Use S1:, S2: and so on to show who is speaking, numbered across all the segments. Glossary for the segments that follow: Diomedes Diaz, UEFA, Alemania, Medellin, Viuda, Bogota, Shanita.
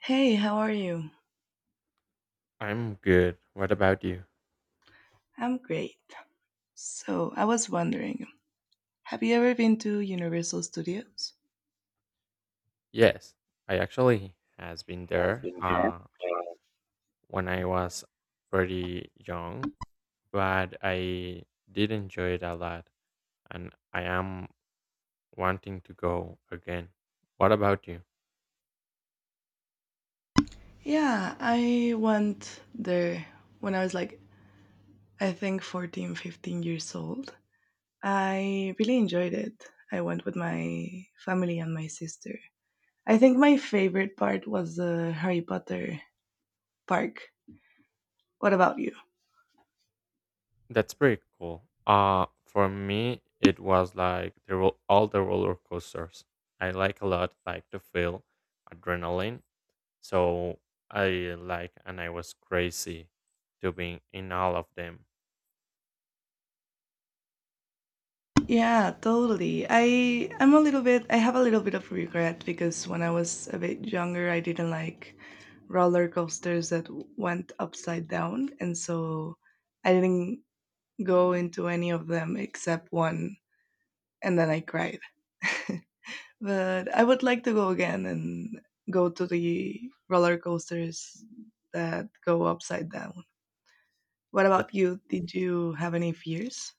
S1: Hey, how are you?
S2: I'm good. What about you?
S1: I'm great. So, I was wondering, have you ever been to Universal Studios?
S2: Yes, I actually has been there when I was pretty young, but I did enjoy it a lot, and I am wanting to go again. What about you?
S1: Yeah, I went there when I was like, I think 14, 15 years old. I really enjoyed it. I went with my family and my sister. I think my favorite part was the Harry Potter park. What about you?
S2: That's pretty cool. For me, it was like the all the roller coasters. I like a lot, like to feel adrenaline. So I like, and I was crazy to being in all of them.
S1: Yeah, totally. I have a little bit of regret because when I was a bit younger, I didn't like roller coasters that went upside down, and so I didn't go into any of them except one, and then I cried. But I would like to go again and go to the roller coasters that go upside down. What
S2: That.
S1: about you? Did you have any fears?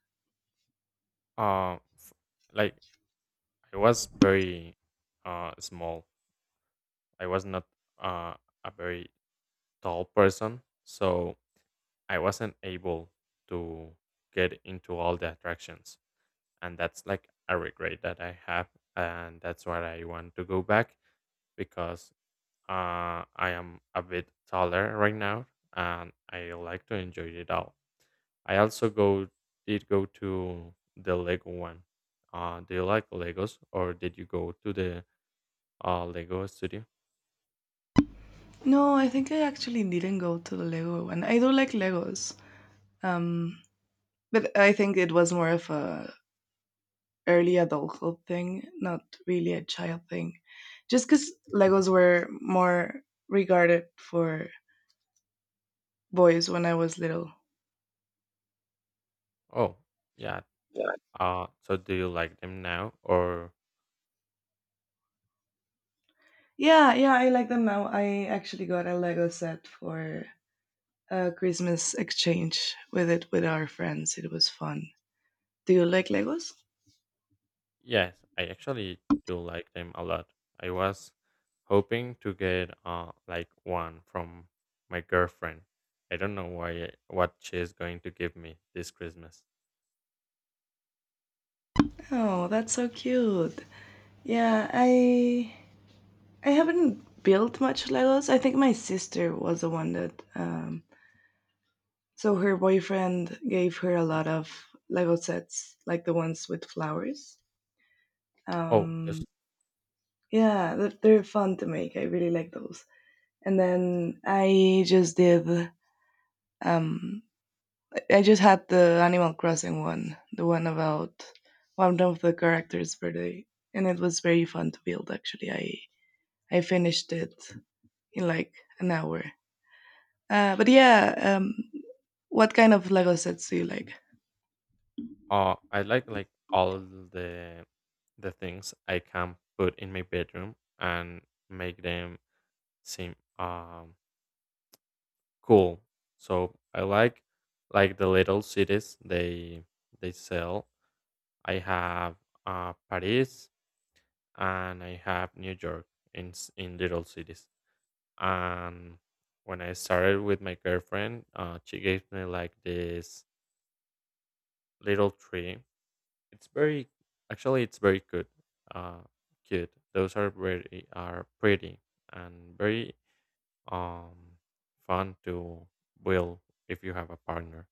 S2: Uh, f- like I was very small. I was not uh a very tall person, so I wasn't able to get into all the attractions, and that's like a regret that I have, and that's why I want to go back because I am a bit taller right now, and I like to enjoy it all. I also go did go to the Lego one. Do you like Legos, or did you go to the Lego studio?
S1: No, I think I actually didn't go to the Lego one. I do like Legos. Um, but I think it was more of a early adulthood thing, not really a child thing. Just because Legos were more regarded for boys when I was little.
S2: Oh, yeah. So do you like them now, or
S1: Yeah, yeah, I like them now. I actually got a Lego set for a Christmas exchange with our friends. It was fun. Do you like Legos?
S2: yes, I actually do like them a lot. I was hoping to get like one from my girlfriend. I don't know why what she's going to give me this Christmas.
S1: Oh, that's so cute. Yeah, I haven't built much Legos. I think my sister was the one that so her boyfriend gave her a lot of Lego sets, like the ones with flowers.
S2: Oh,
S1: Um,
S2: just
S1: yeah, they're fun to make. I really like those. And then I just did. Um, I just had the Animal Crossing one, the one about one of the characters' birthday, and it was very fun to build. Actually, I finished it in like an hour. But yeah, what kind of Lego sets do you like?
S2: I like all the things I can put in my bedroom and make them seem cool. So I like the little cities they sell. I have Paris and I have New York in in little cities. And when I started with my girlfriend, she gave me like this little tree. It's very actually it's very good. Uh, cute. Those are very are pretty and very um fun to build if you have a partner.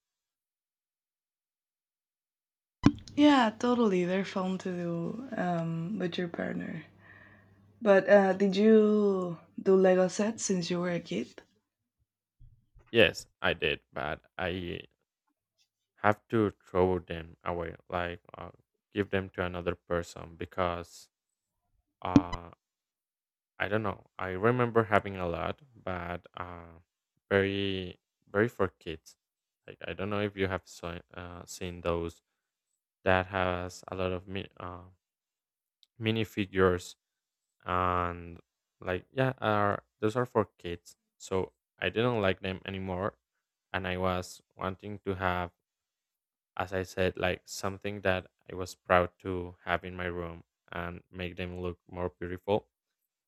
S1: Yeah, totally. They're fun to do with your partner. But did you do Lego sets since you were a kid?
S2: Yes, I did, but I have to throw them away, give them to another person because uh I don't know. I remember having a lot, but very very for kids. Like I don't know if you have so, seen those that has a lot of minifigures and like yeah are those are for kids so I didn't like them anymore, and I was wanting to have, as I said, like something that I was proud to have in my room and make them look more beautiful.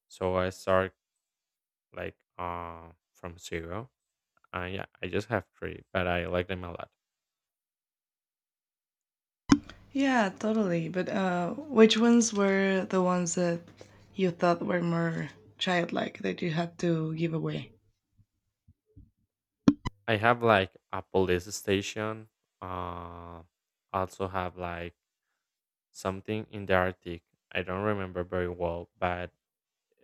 S2: So I start like from zero. Yeah, I just have three, but I like them a lot.
S1: Yeah, totally. But which ones were the ones that you thought were more childlike that you had to give away?
S2: I have like a police station, uh also have like something in the Arctic. I don't remember very well, but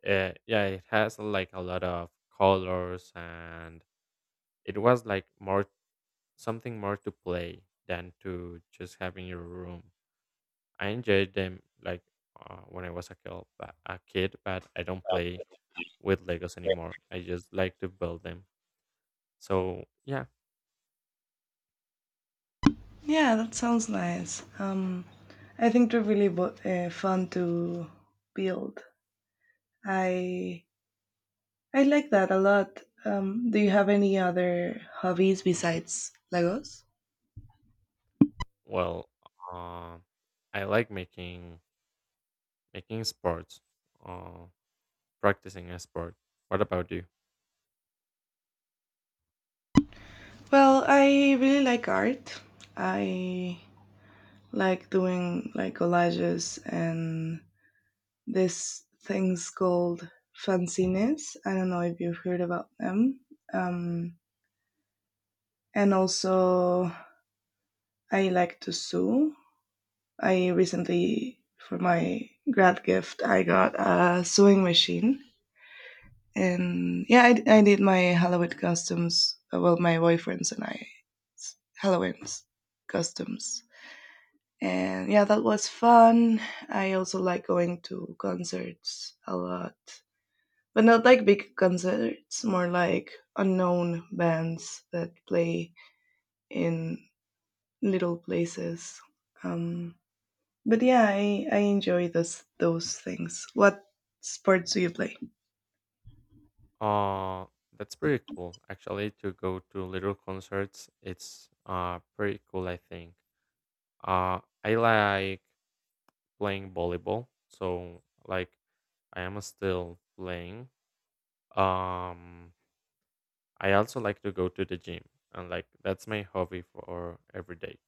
S2: yeah, it has like a lot of colors, and it was like more something more to play than to just have in your room. I enjoyed them like when I was a kid, but I don't play with Legos anymore. I just like to build them. So yeah,
S1: Yeah, that sounds nice. I think they're really fun to build. I I like that a lot. Do you have any other hobbies besides Legos?
S2: well, uh, I like making sports, uh, practicing a sport. What about you?
S1: Well, I really like art. I like doing like collages and this things called fanzines. I don't know if you've heard about them. Um, and also, I like to sew. I recently, for my grad gift, I got a sewing machine. And yeah, I did my Halloween costumes. Well, my boyfriend's and I Halloween's costumes. And yeah, that was fun. I also like going to concerts a lot, but not like big concerts, more like unknown bands that play in little places. Um, but yeah, I enjoy those things. What sports do you play?
S2: Uh, that's pretty cool actually to go to little concerts. It's pretty cool I think. I like playing volleyball, so like I am still playing. Um I also like to go to the gym, and like that's my hobby for every day.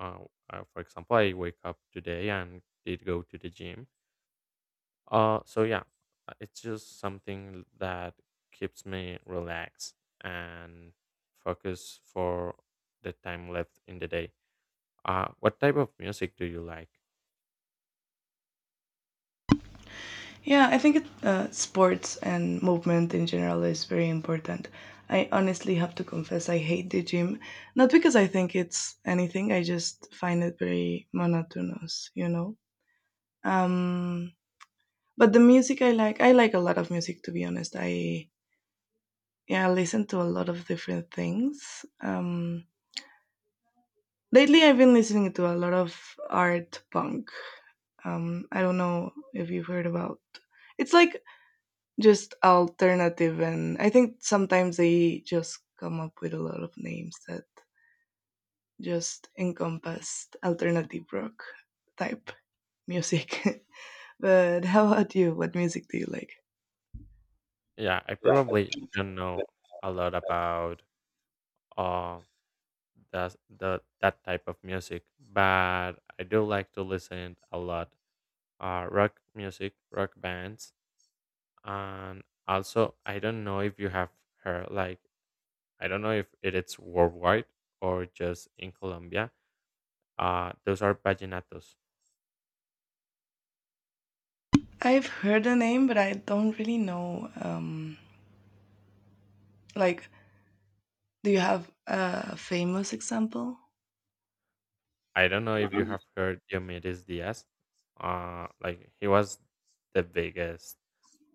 S2: Uh, for example, I wake up today and did go to the gym. So yeah, it's just something that keeps me relaxed and focused for the time left in the day. What type of music do you like?
S1: Yeah, I think sports and movement in general is very important. I honestly have to confess I hate the gym, not because I think it's anything. I just find it very monotonous. Um, but the music I like a lot of music to be honest. I yeah, I listen to a lot of different things. Lately, I've been listening to a lot of art punk. I don't know if you've heard about. It's like just alternative, and I think sometimes they just come up with a lot of names that just encompass alternative rock type music. But how about you? What music do you like?
S2: Yeah, I probably don't know a lot about uh that the that type of music, but I do like to listen a lot. Rock music, rock bands, and also I don't know if you have heard like I don't know if it is worldwide or just in Colombia. Those are vallenatos.
S1: I've heard the name, but I don't really know. Like, do you have a famous example?
S2: I don't know if you have heard Diomedes Diaz. Like he was the biggest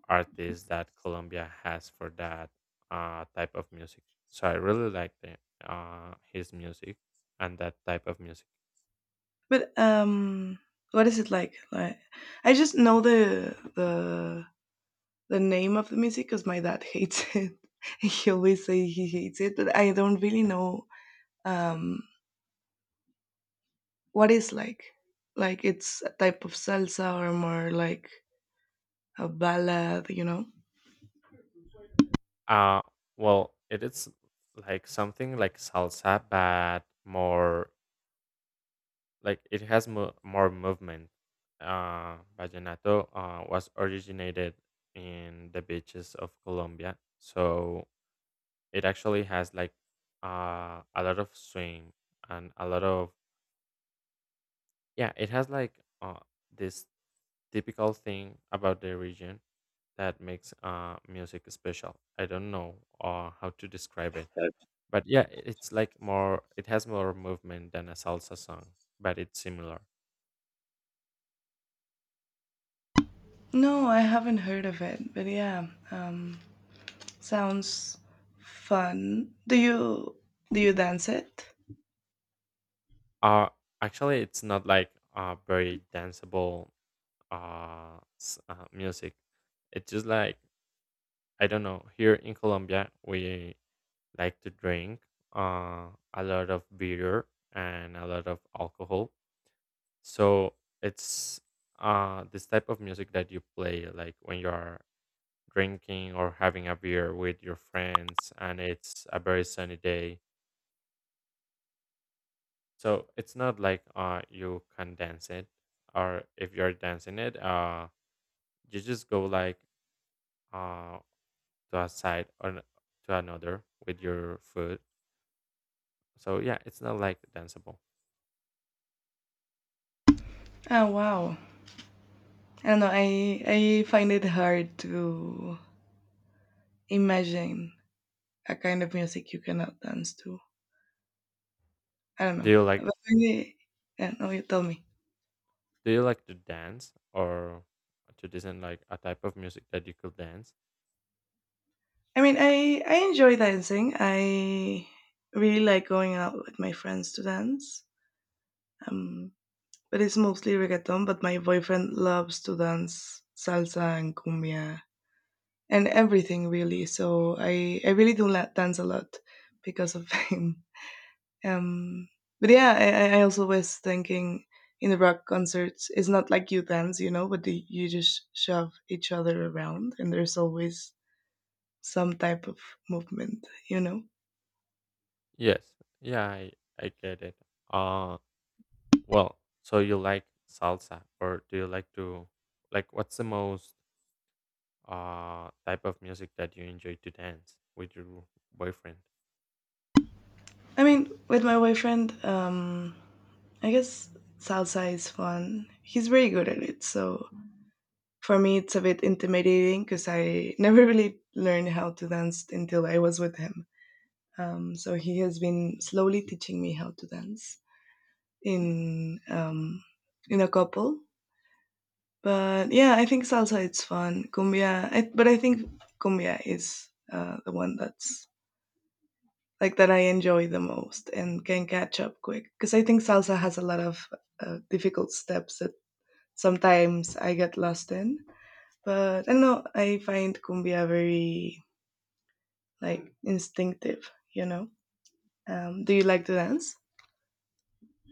S2: artist that Colombia has for that type of music. So I really like the, his music and that type of music.
S1: But what is it like? Like, I just know the name of the music because my dad hates it. He always say he hates it, but I don't really know um, what is like. Like it's a type of salsa or more like a ballad, you know?
S2: Uh, well, it is like something like salsa, but more like it has more movement. Vallenato was originated in the beaches of Colombia, so it actually has like a lot of swing and a lot of yeah. It has like this typical thing about the region that makes music special. I don't know how to describe it, but yeah, it's like more. It has more movement than a salsa song, but it's similar.
S1: No, I haven't heard of it, but yeah, sounds fun. Do you dance it?
S2: Uh, actually, it's not like very danceable music. It's just like I don't know. Here in Colombia, we like to drink a lot of beer and a lot of alcohol. So it's this type of music that you play like when you are drinking or having a beer with your friends, and it's a very sunny day. So it's not like you can dance it, or if you're dancing it, you just go like uh to a side or to another with your foot. So yeah, it's not like danceable.
S1: Oh wow! I don't know. I find it hard to imagine a kind of music you cannot dance to. I don't
S2: Do
S1: know.
S2: you
S1: But
S2: like
S1: yeah, no, you tell me.
S2: do you like to dance or to listen like a type of music that you could dance?
S1: I mean, I enjoy dancing. I really like going out with my friends to dance. Um, but it's mostly reggaeton. But my boyfriend loves to dance salsa and cumbia and everything really. So I really do dance a lot because of him. Um, but yeah, I also was thinking in the rock concerts, it's not like you dance, but you just shove each other around, and there's always some type of movement, you know?
S2: Yes. Yeah, I get it. Uh well, so you like salsa, or do you like to like what's the most type of music that you enjoy to dance with your boyfriend?
S1: I mean, with my boyfriend, I guess salsa is fun. He's very good at it. So for me, it's a bit intimidating because I never really learned how to dance until I was with him. So he has been slowly teaching me how to dance in um, in a couple. But yeah, I think salsa it's fun. Cumbia, but I think cumbia is the one that's like that I enjoy the most and can catch up quick. Because I think salsa has a lot of difficult steps that sometimes I get lost in. But I don't know, I find cumbia very like instinctive, you know? Do you like to dance?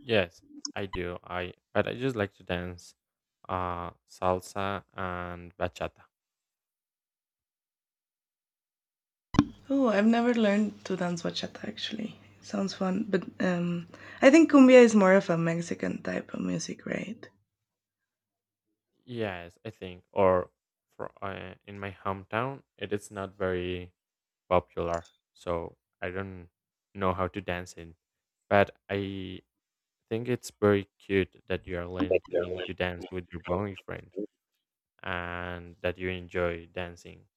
S2: Yes, I do, I but I just like to dance salsa and bachata.
S1: Oh, I've never learned to dance bachata actually. Sounds fun, but I think cumbia is more of a Mexican type of music, right?
S2: Yes, I think, or for in my hometown it is not very popular, so I don't know how to dance it, but I think it's very cute that you are learning to dance with your boyfriend and that you enjoy dancing.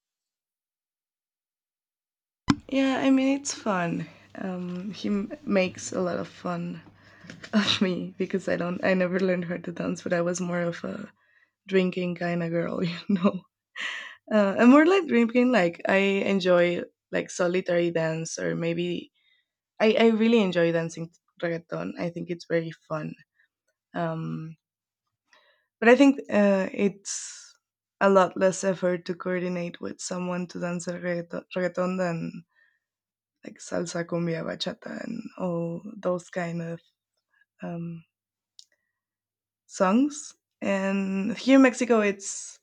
S1: Yeah, I mean it's fun. He makes a lot of fun of me because I never learned how to dance, but I was more of a drinking kind of girl, you know. And more like drinking, like I enjoy like solitary dance or maybe I really enjoy dancing reggaeton. I think it's very fun. Um, but I think it's a lot less effort to coordinate with someone to dance a reggaeton than like salsa, cumbia, bachata, and all those kind of um, songs. And here in Mexico, it's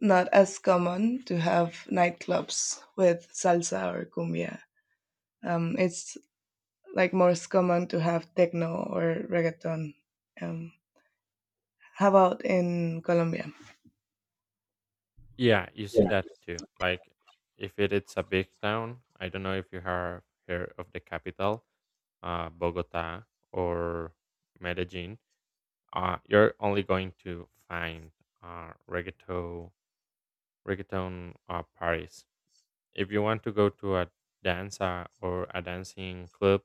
S1: not as common to have nightclubs with salsa or cumbia. It's like more common to have techno or reggaeton. Um, how about in Colombia?
S2: Yeah, you see that too. Like, if it is a big town, I don't know if you have heard of the capital, Bogota or Medellin. You're only going to find reggaeton, reggaeton parties. If you want to go to a danza or a dancing club,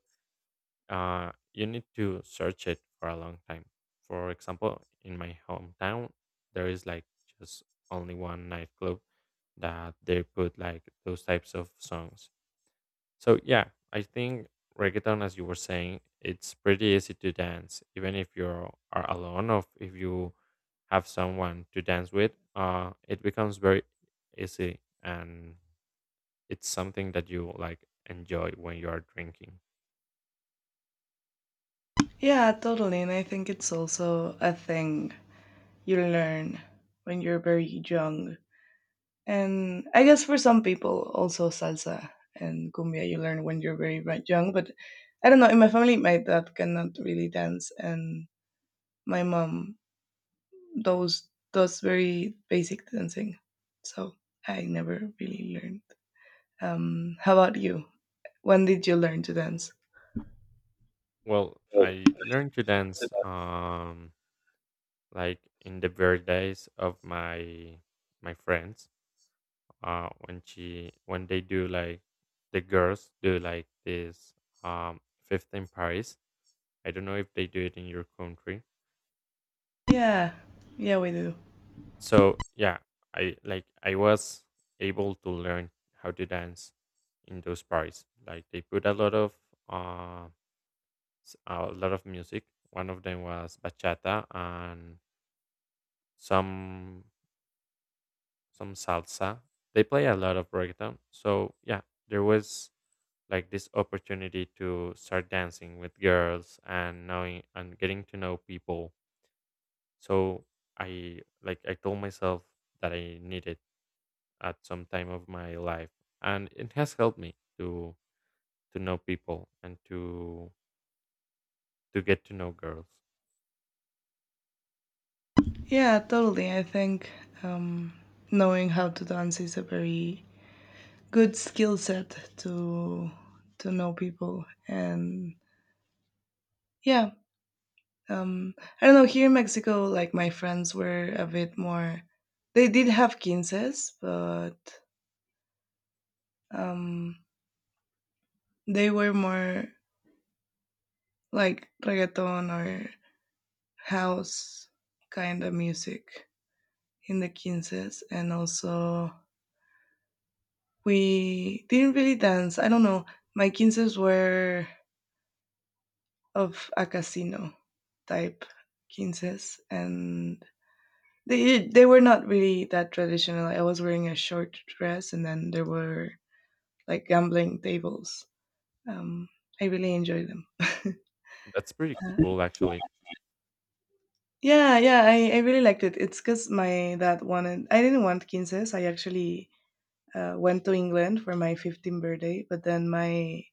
S2: you need to search it for a long time. For example, in my hometown, there is like just only one nightclub that they put like those types of songs. So yeah, I think reggaeton, as you were saying, it's pretty easy to dance, even if you are alone or if you have someone to dance with. It becomes very easy, and it's something that you like enjoy when you are drinking.
S1: Yeah, totally. And I think it's also a thing you learn when you're very young. And I guess for some people, also salsa and cumbia you learn when you're very very young. But I don't know. In my family, my dad cannot really dance, and my mom those very basic dancing. So I never really learned. How about you? When did you learn to dance?
S2: Well, I learned to dance like in the birthdays of my friends. Uh, when they do like the girls do like this fifth in Paris. I don't know if they do it in your country.
S1: Yeah, yeah, we do.
S2: So yeah, I like I was able to learn how to dance in those parties. Like they put a lot of uh a lot of music. One of them was bachata and some some salsa. They play a lot of reggaeton. So yeah, there was like this opportunity to start dancing with girls and knowing and getting to know people. So I like I told myself that I need it at some time of my life. And it has helped me to know people and to get to know girls.
S1: Yeah, totally. I think um, knowing how to dance is a very good skill set to know people. And yeah, um, I don't know. Here in Mexico, like my friends were a bit more. They did have quinces, but um, they were more like reggaeton or house kind of music in the quinces. And also, we didn't really dance. I don't know. My quinces were of a casino type quinces, and they were not really that traditional. I was wearing a short dress, and then there were like gambling tables. um I really enjoyed them.
S2: That's pretty cool actually.
S1: Yeah, yeah, I really liked it. It's because my dad wanted, I didn't want quinces. I actually went to England for my 15th birthday, but then my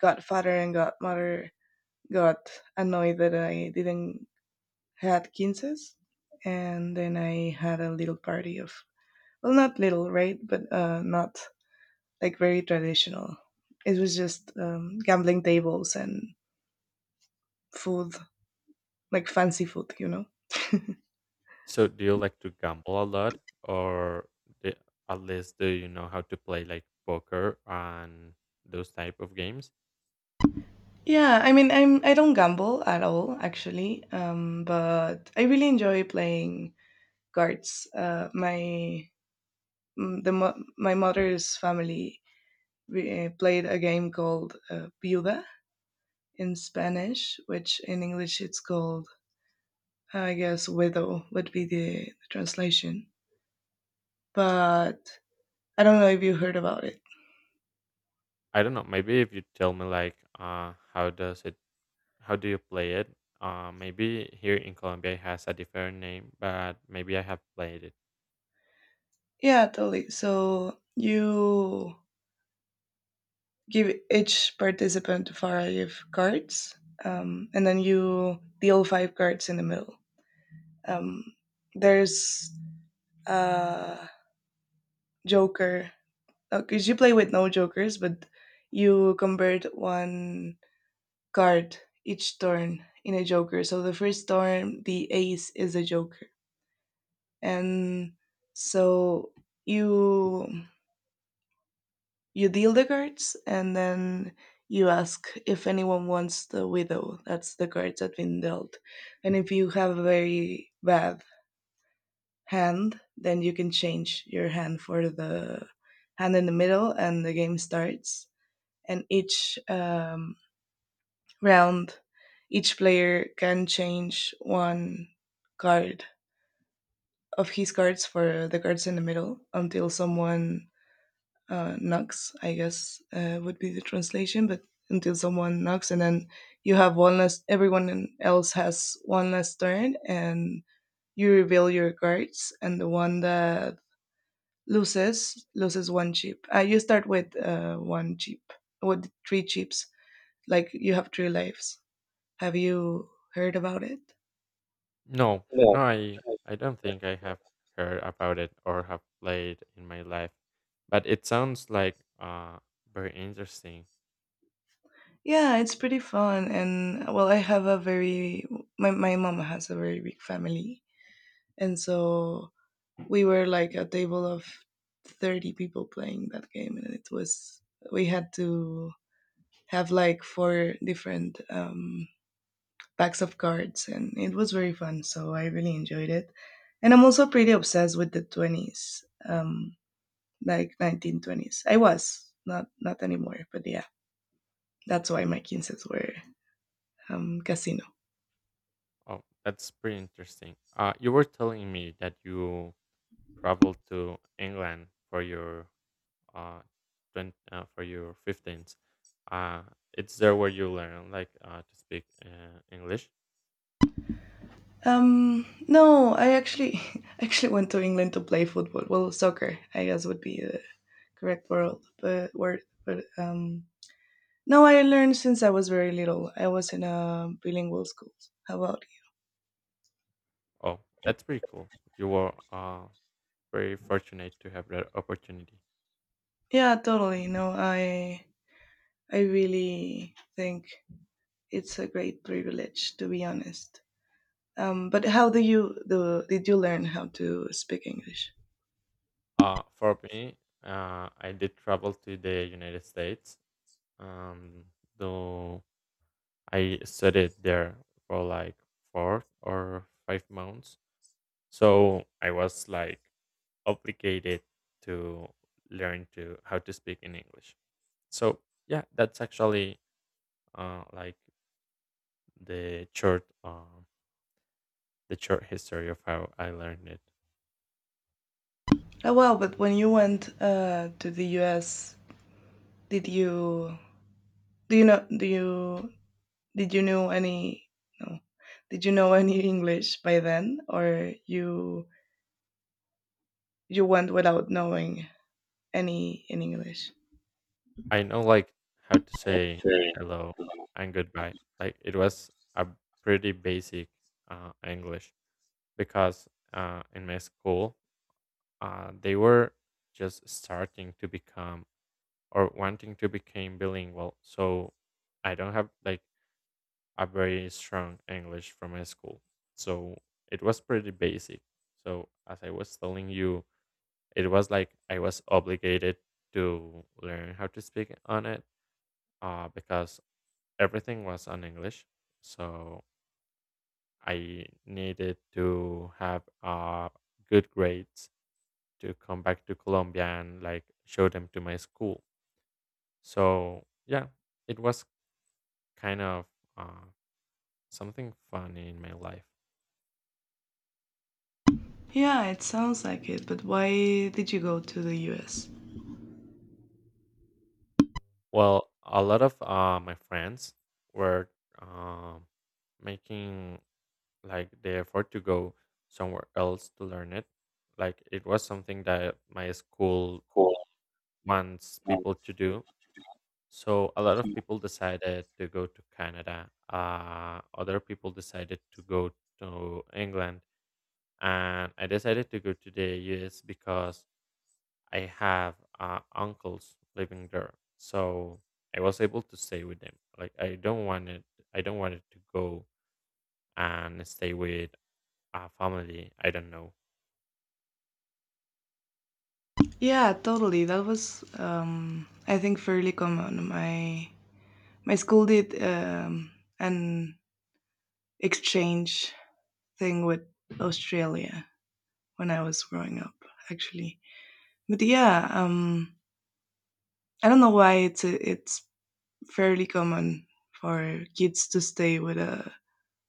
S1: godfather and godmother got annoyed that I didn't had quinces. And then I had a little party of, well, not little, right? But not like very traditional. It was just gambling tables and food, like fancy food, you know?
S2: So, do you like to gamble a lot, or the, at least do you know how to play like poker and those type of games?
S1: Yeah, I mean, I don't gamble at all actually, but I really enjoy playing cards. My mm, the mo- My mother's family played a game called Viuda in Spanish, which in English it's called I guess widow would be the translation. But I don't know if you heard about it.
S2: I don't know. Maybe if you tell me like, how does it? How do you play it? Maybe here in Colombia it has a different name, but maybe I have played it.
S1: Yeah, totally. So you give each participant five cards, and then you deal five cards in the middle. Um, there's a joker, because you play with no jokers, but you convert one card each turn in a joker. So the first turn, the ace is a joker, and so you you deal the cards and then you ask if anyone wants the widow. That's the cards that been dealt. And if you have a very bad hand, then you can change your hand for the hand in the middle and the game starts. And each round, each player can change one card of his cards for the cards in the middle until someone knocks, I guess would be the translation. But until someone knocks, and then you have one less, everyone else has one less turn, and you reveal your cards, and the one that loses loses one chip. You start with one chip, with three chips. Like you have three lives. Have you heard about it?
S2: No, no, I don't think I have heard about it or have played in my life, but it sounds like very interesting.
S1: Yeah, it's pretty fun, and well, I have a very my my mom has a very big family, and so we were like a table of 30 people playing that game, and it was we had to have like four different packs of cards, and it was very fun, so I really enjoyed it. And I'm also pretty obsessed with the 20s, like 1920s. I was, not, not anymore, but yeah, that's why my quinces were casino.
S2: Oh, that's pretty interesting. You were telling me that you traveled to England for your uh, 20, uh for your fifteens. Uh, it's there where you learn like to speak English.
S1: No, I actually actually went to England to play football, well, soccer I guess would be the correct world but word, but no I learned since I was very little. I was in a bilingual school. How about
S2: Oh, that's pretty cool. You were very fortunate to have that opportunity.
S1: you? Yeah, totally. No, I really think it's a great privilege to be honest. But how do you do did you learn how to speak English?
S2: For me, I did travel to the United States. Um, though I studied there for like 4 or 5 months. So I was like obligated to learn to how to speak in English. So yeah, that's actually like the short um, the short history of how I learned it.
S1: Oh well, but when you went to the US, did you do you know do you did you know any, no did you know any English by then, or you went without knowing any in English?
S2: I know like how to say
S1: Very
S2: hello and goodbye. Like it was a pretty basic English, because in my school they were just starting to become or wanting to become bilingual. So I don't have like a very strong English from my school. So it was pretty basic. So as I was telling you, it was like I was obligated to learn how to speak on it because everything was on English. So I needed to have good grades to come back to Colombia and like show them to my school. So yeah, it was kind of uh, something funny in my life.
S1: Yeah, it sounds like it, but why did you go to the US?
S2: Well, a lot of my friends were um, making like the effort to go somewhere else to learn it. Like it was something that my school
S1: Cool.
S2: wants
S1: Um,
S2: people to do. So a lot of people decided to go to Canada. Other people decided to go to England, and I decided to go to the US because I have uncles living there, so I was able to stay with them. Like I don't want it. I don't want it to go and stay with a family. I don't know.
S1: Yeah, totally. That was, I think, fairly common. My school did an exchange thing with Australia when I was growing up, actually. But yeah, I don't know why it's fairly common for kids to stay with a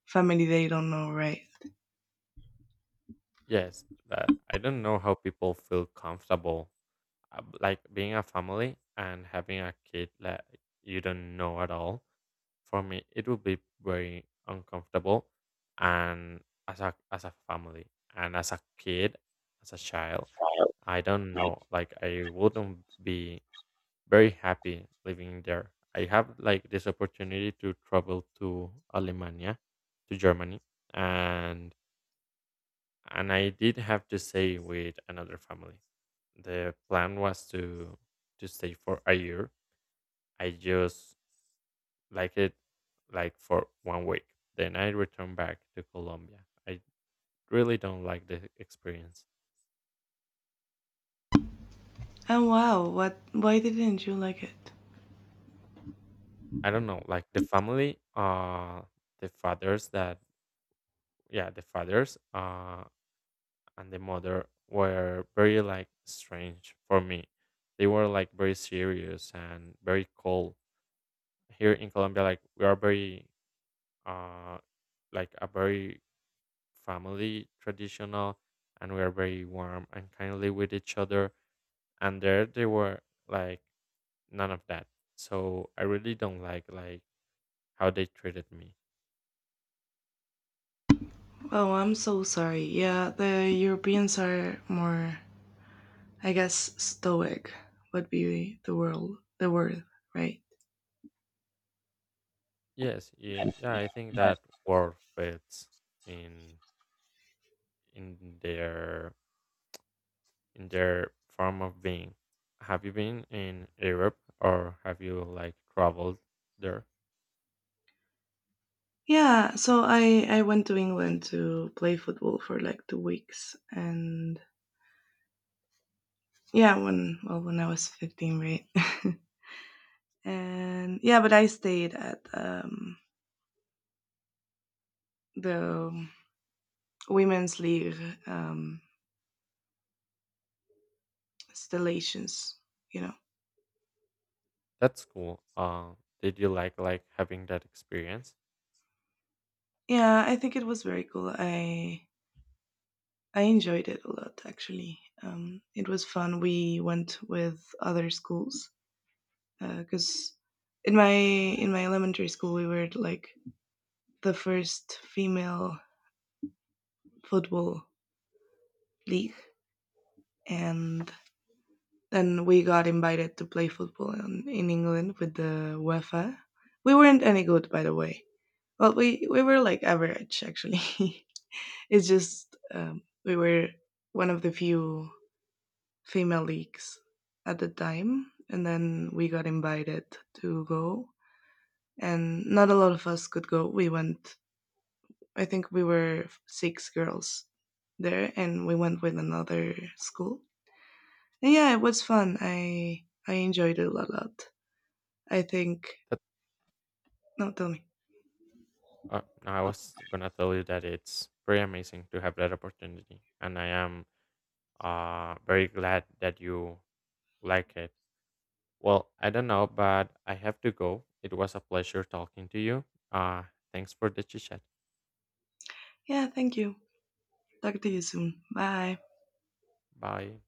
S1: family they don't know, right?
S2: Yes, that I don't know how people feel comfortable, like being a family and having a kid. Like you don't know at all. For me it would be very uncomfortable, and as a family and as a kid as a child I don't know like I wouldn't be very happy living there. I have like this opportunity to travel to alemania, to Germany, and I did have to stay with another family. The plan was to stay for a year. I just like it like for one week. Then I returned back to Colombia. I really don't like the experience.
S1: And wow, what? Why didn't you like it?
S2: I don't know, like the family, the fathers that yeah, the fathers and the mother were very like strange for me. They were like very serious and very cold. Here in Colombia like we are very uh like a very family traditional, and we are very warm and kindly with each other, and there they were like none of that. So I really don't like how they treated me.
S1: Oh, I'm so sorry. Yeah, the Europeans are more, I guess, stoic would be the word, right?
S2: Yes, yeah, yeah, I think that world fits in their in their form of being. Have you been in Europe or have you like traveled there?
S1: Yeah. So I went to England to play football for like 2 weeks, and yeah, when I was 15, right? And yeah, but I stayed at the women's league um, installations, you know.
S2: That's cool. Did you like having that experience
S1: Yeah, I think it was very cool. I enjoyed it a lot, actually. It was fun. We went with other schools because in my elementary school we were like the first female football league, and then we got invited to play football in England with the UEFA. We weren't any good, by the way. Well, we were like average actually. It's just we were one of the few female leagues at the time, and then we got invited to go. And not a lot of us could go. We went, I think we were six girls there, and we went with another school. And yeah, it was fun. I enjoyed it a lot, I think.
S2: that
S1: No, tell me.
S2: uh, I was gonna tell you that it's pretty amazing to have that opportunity, and I am, very glad that you like it. Well, I don't know, but I have to go. It was a pleasure talking to you. Uh, thanks for the chit chat.
S1: Yeah, thank you. Talk to you soon. Bye.
S2: Bye.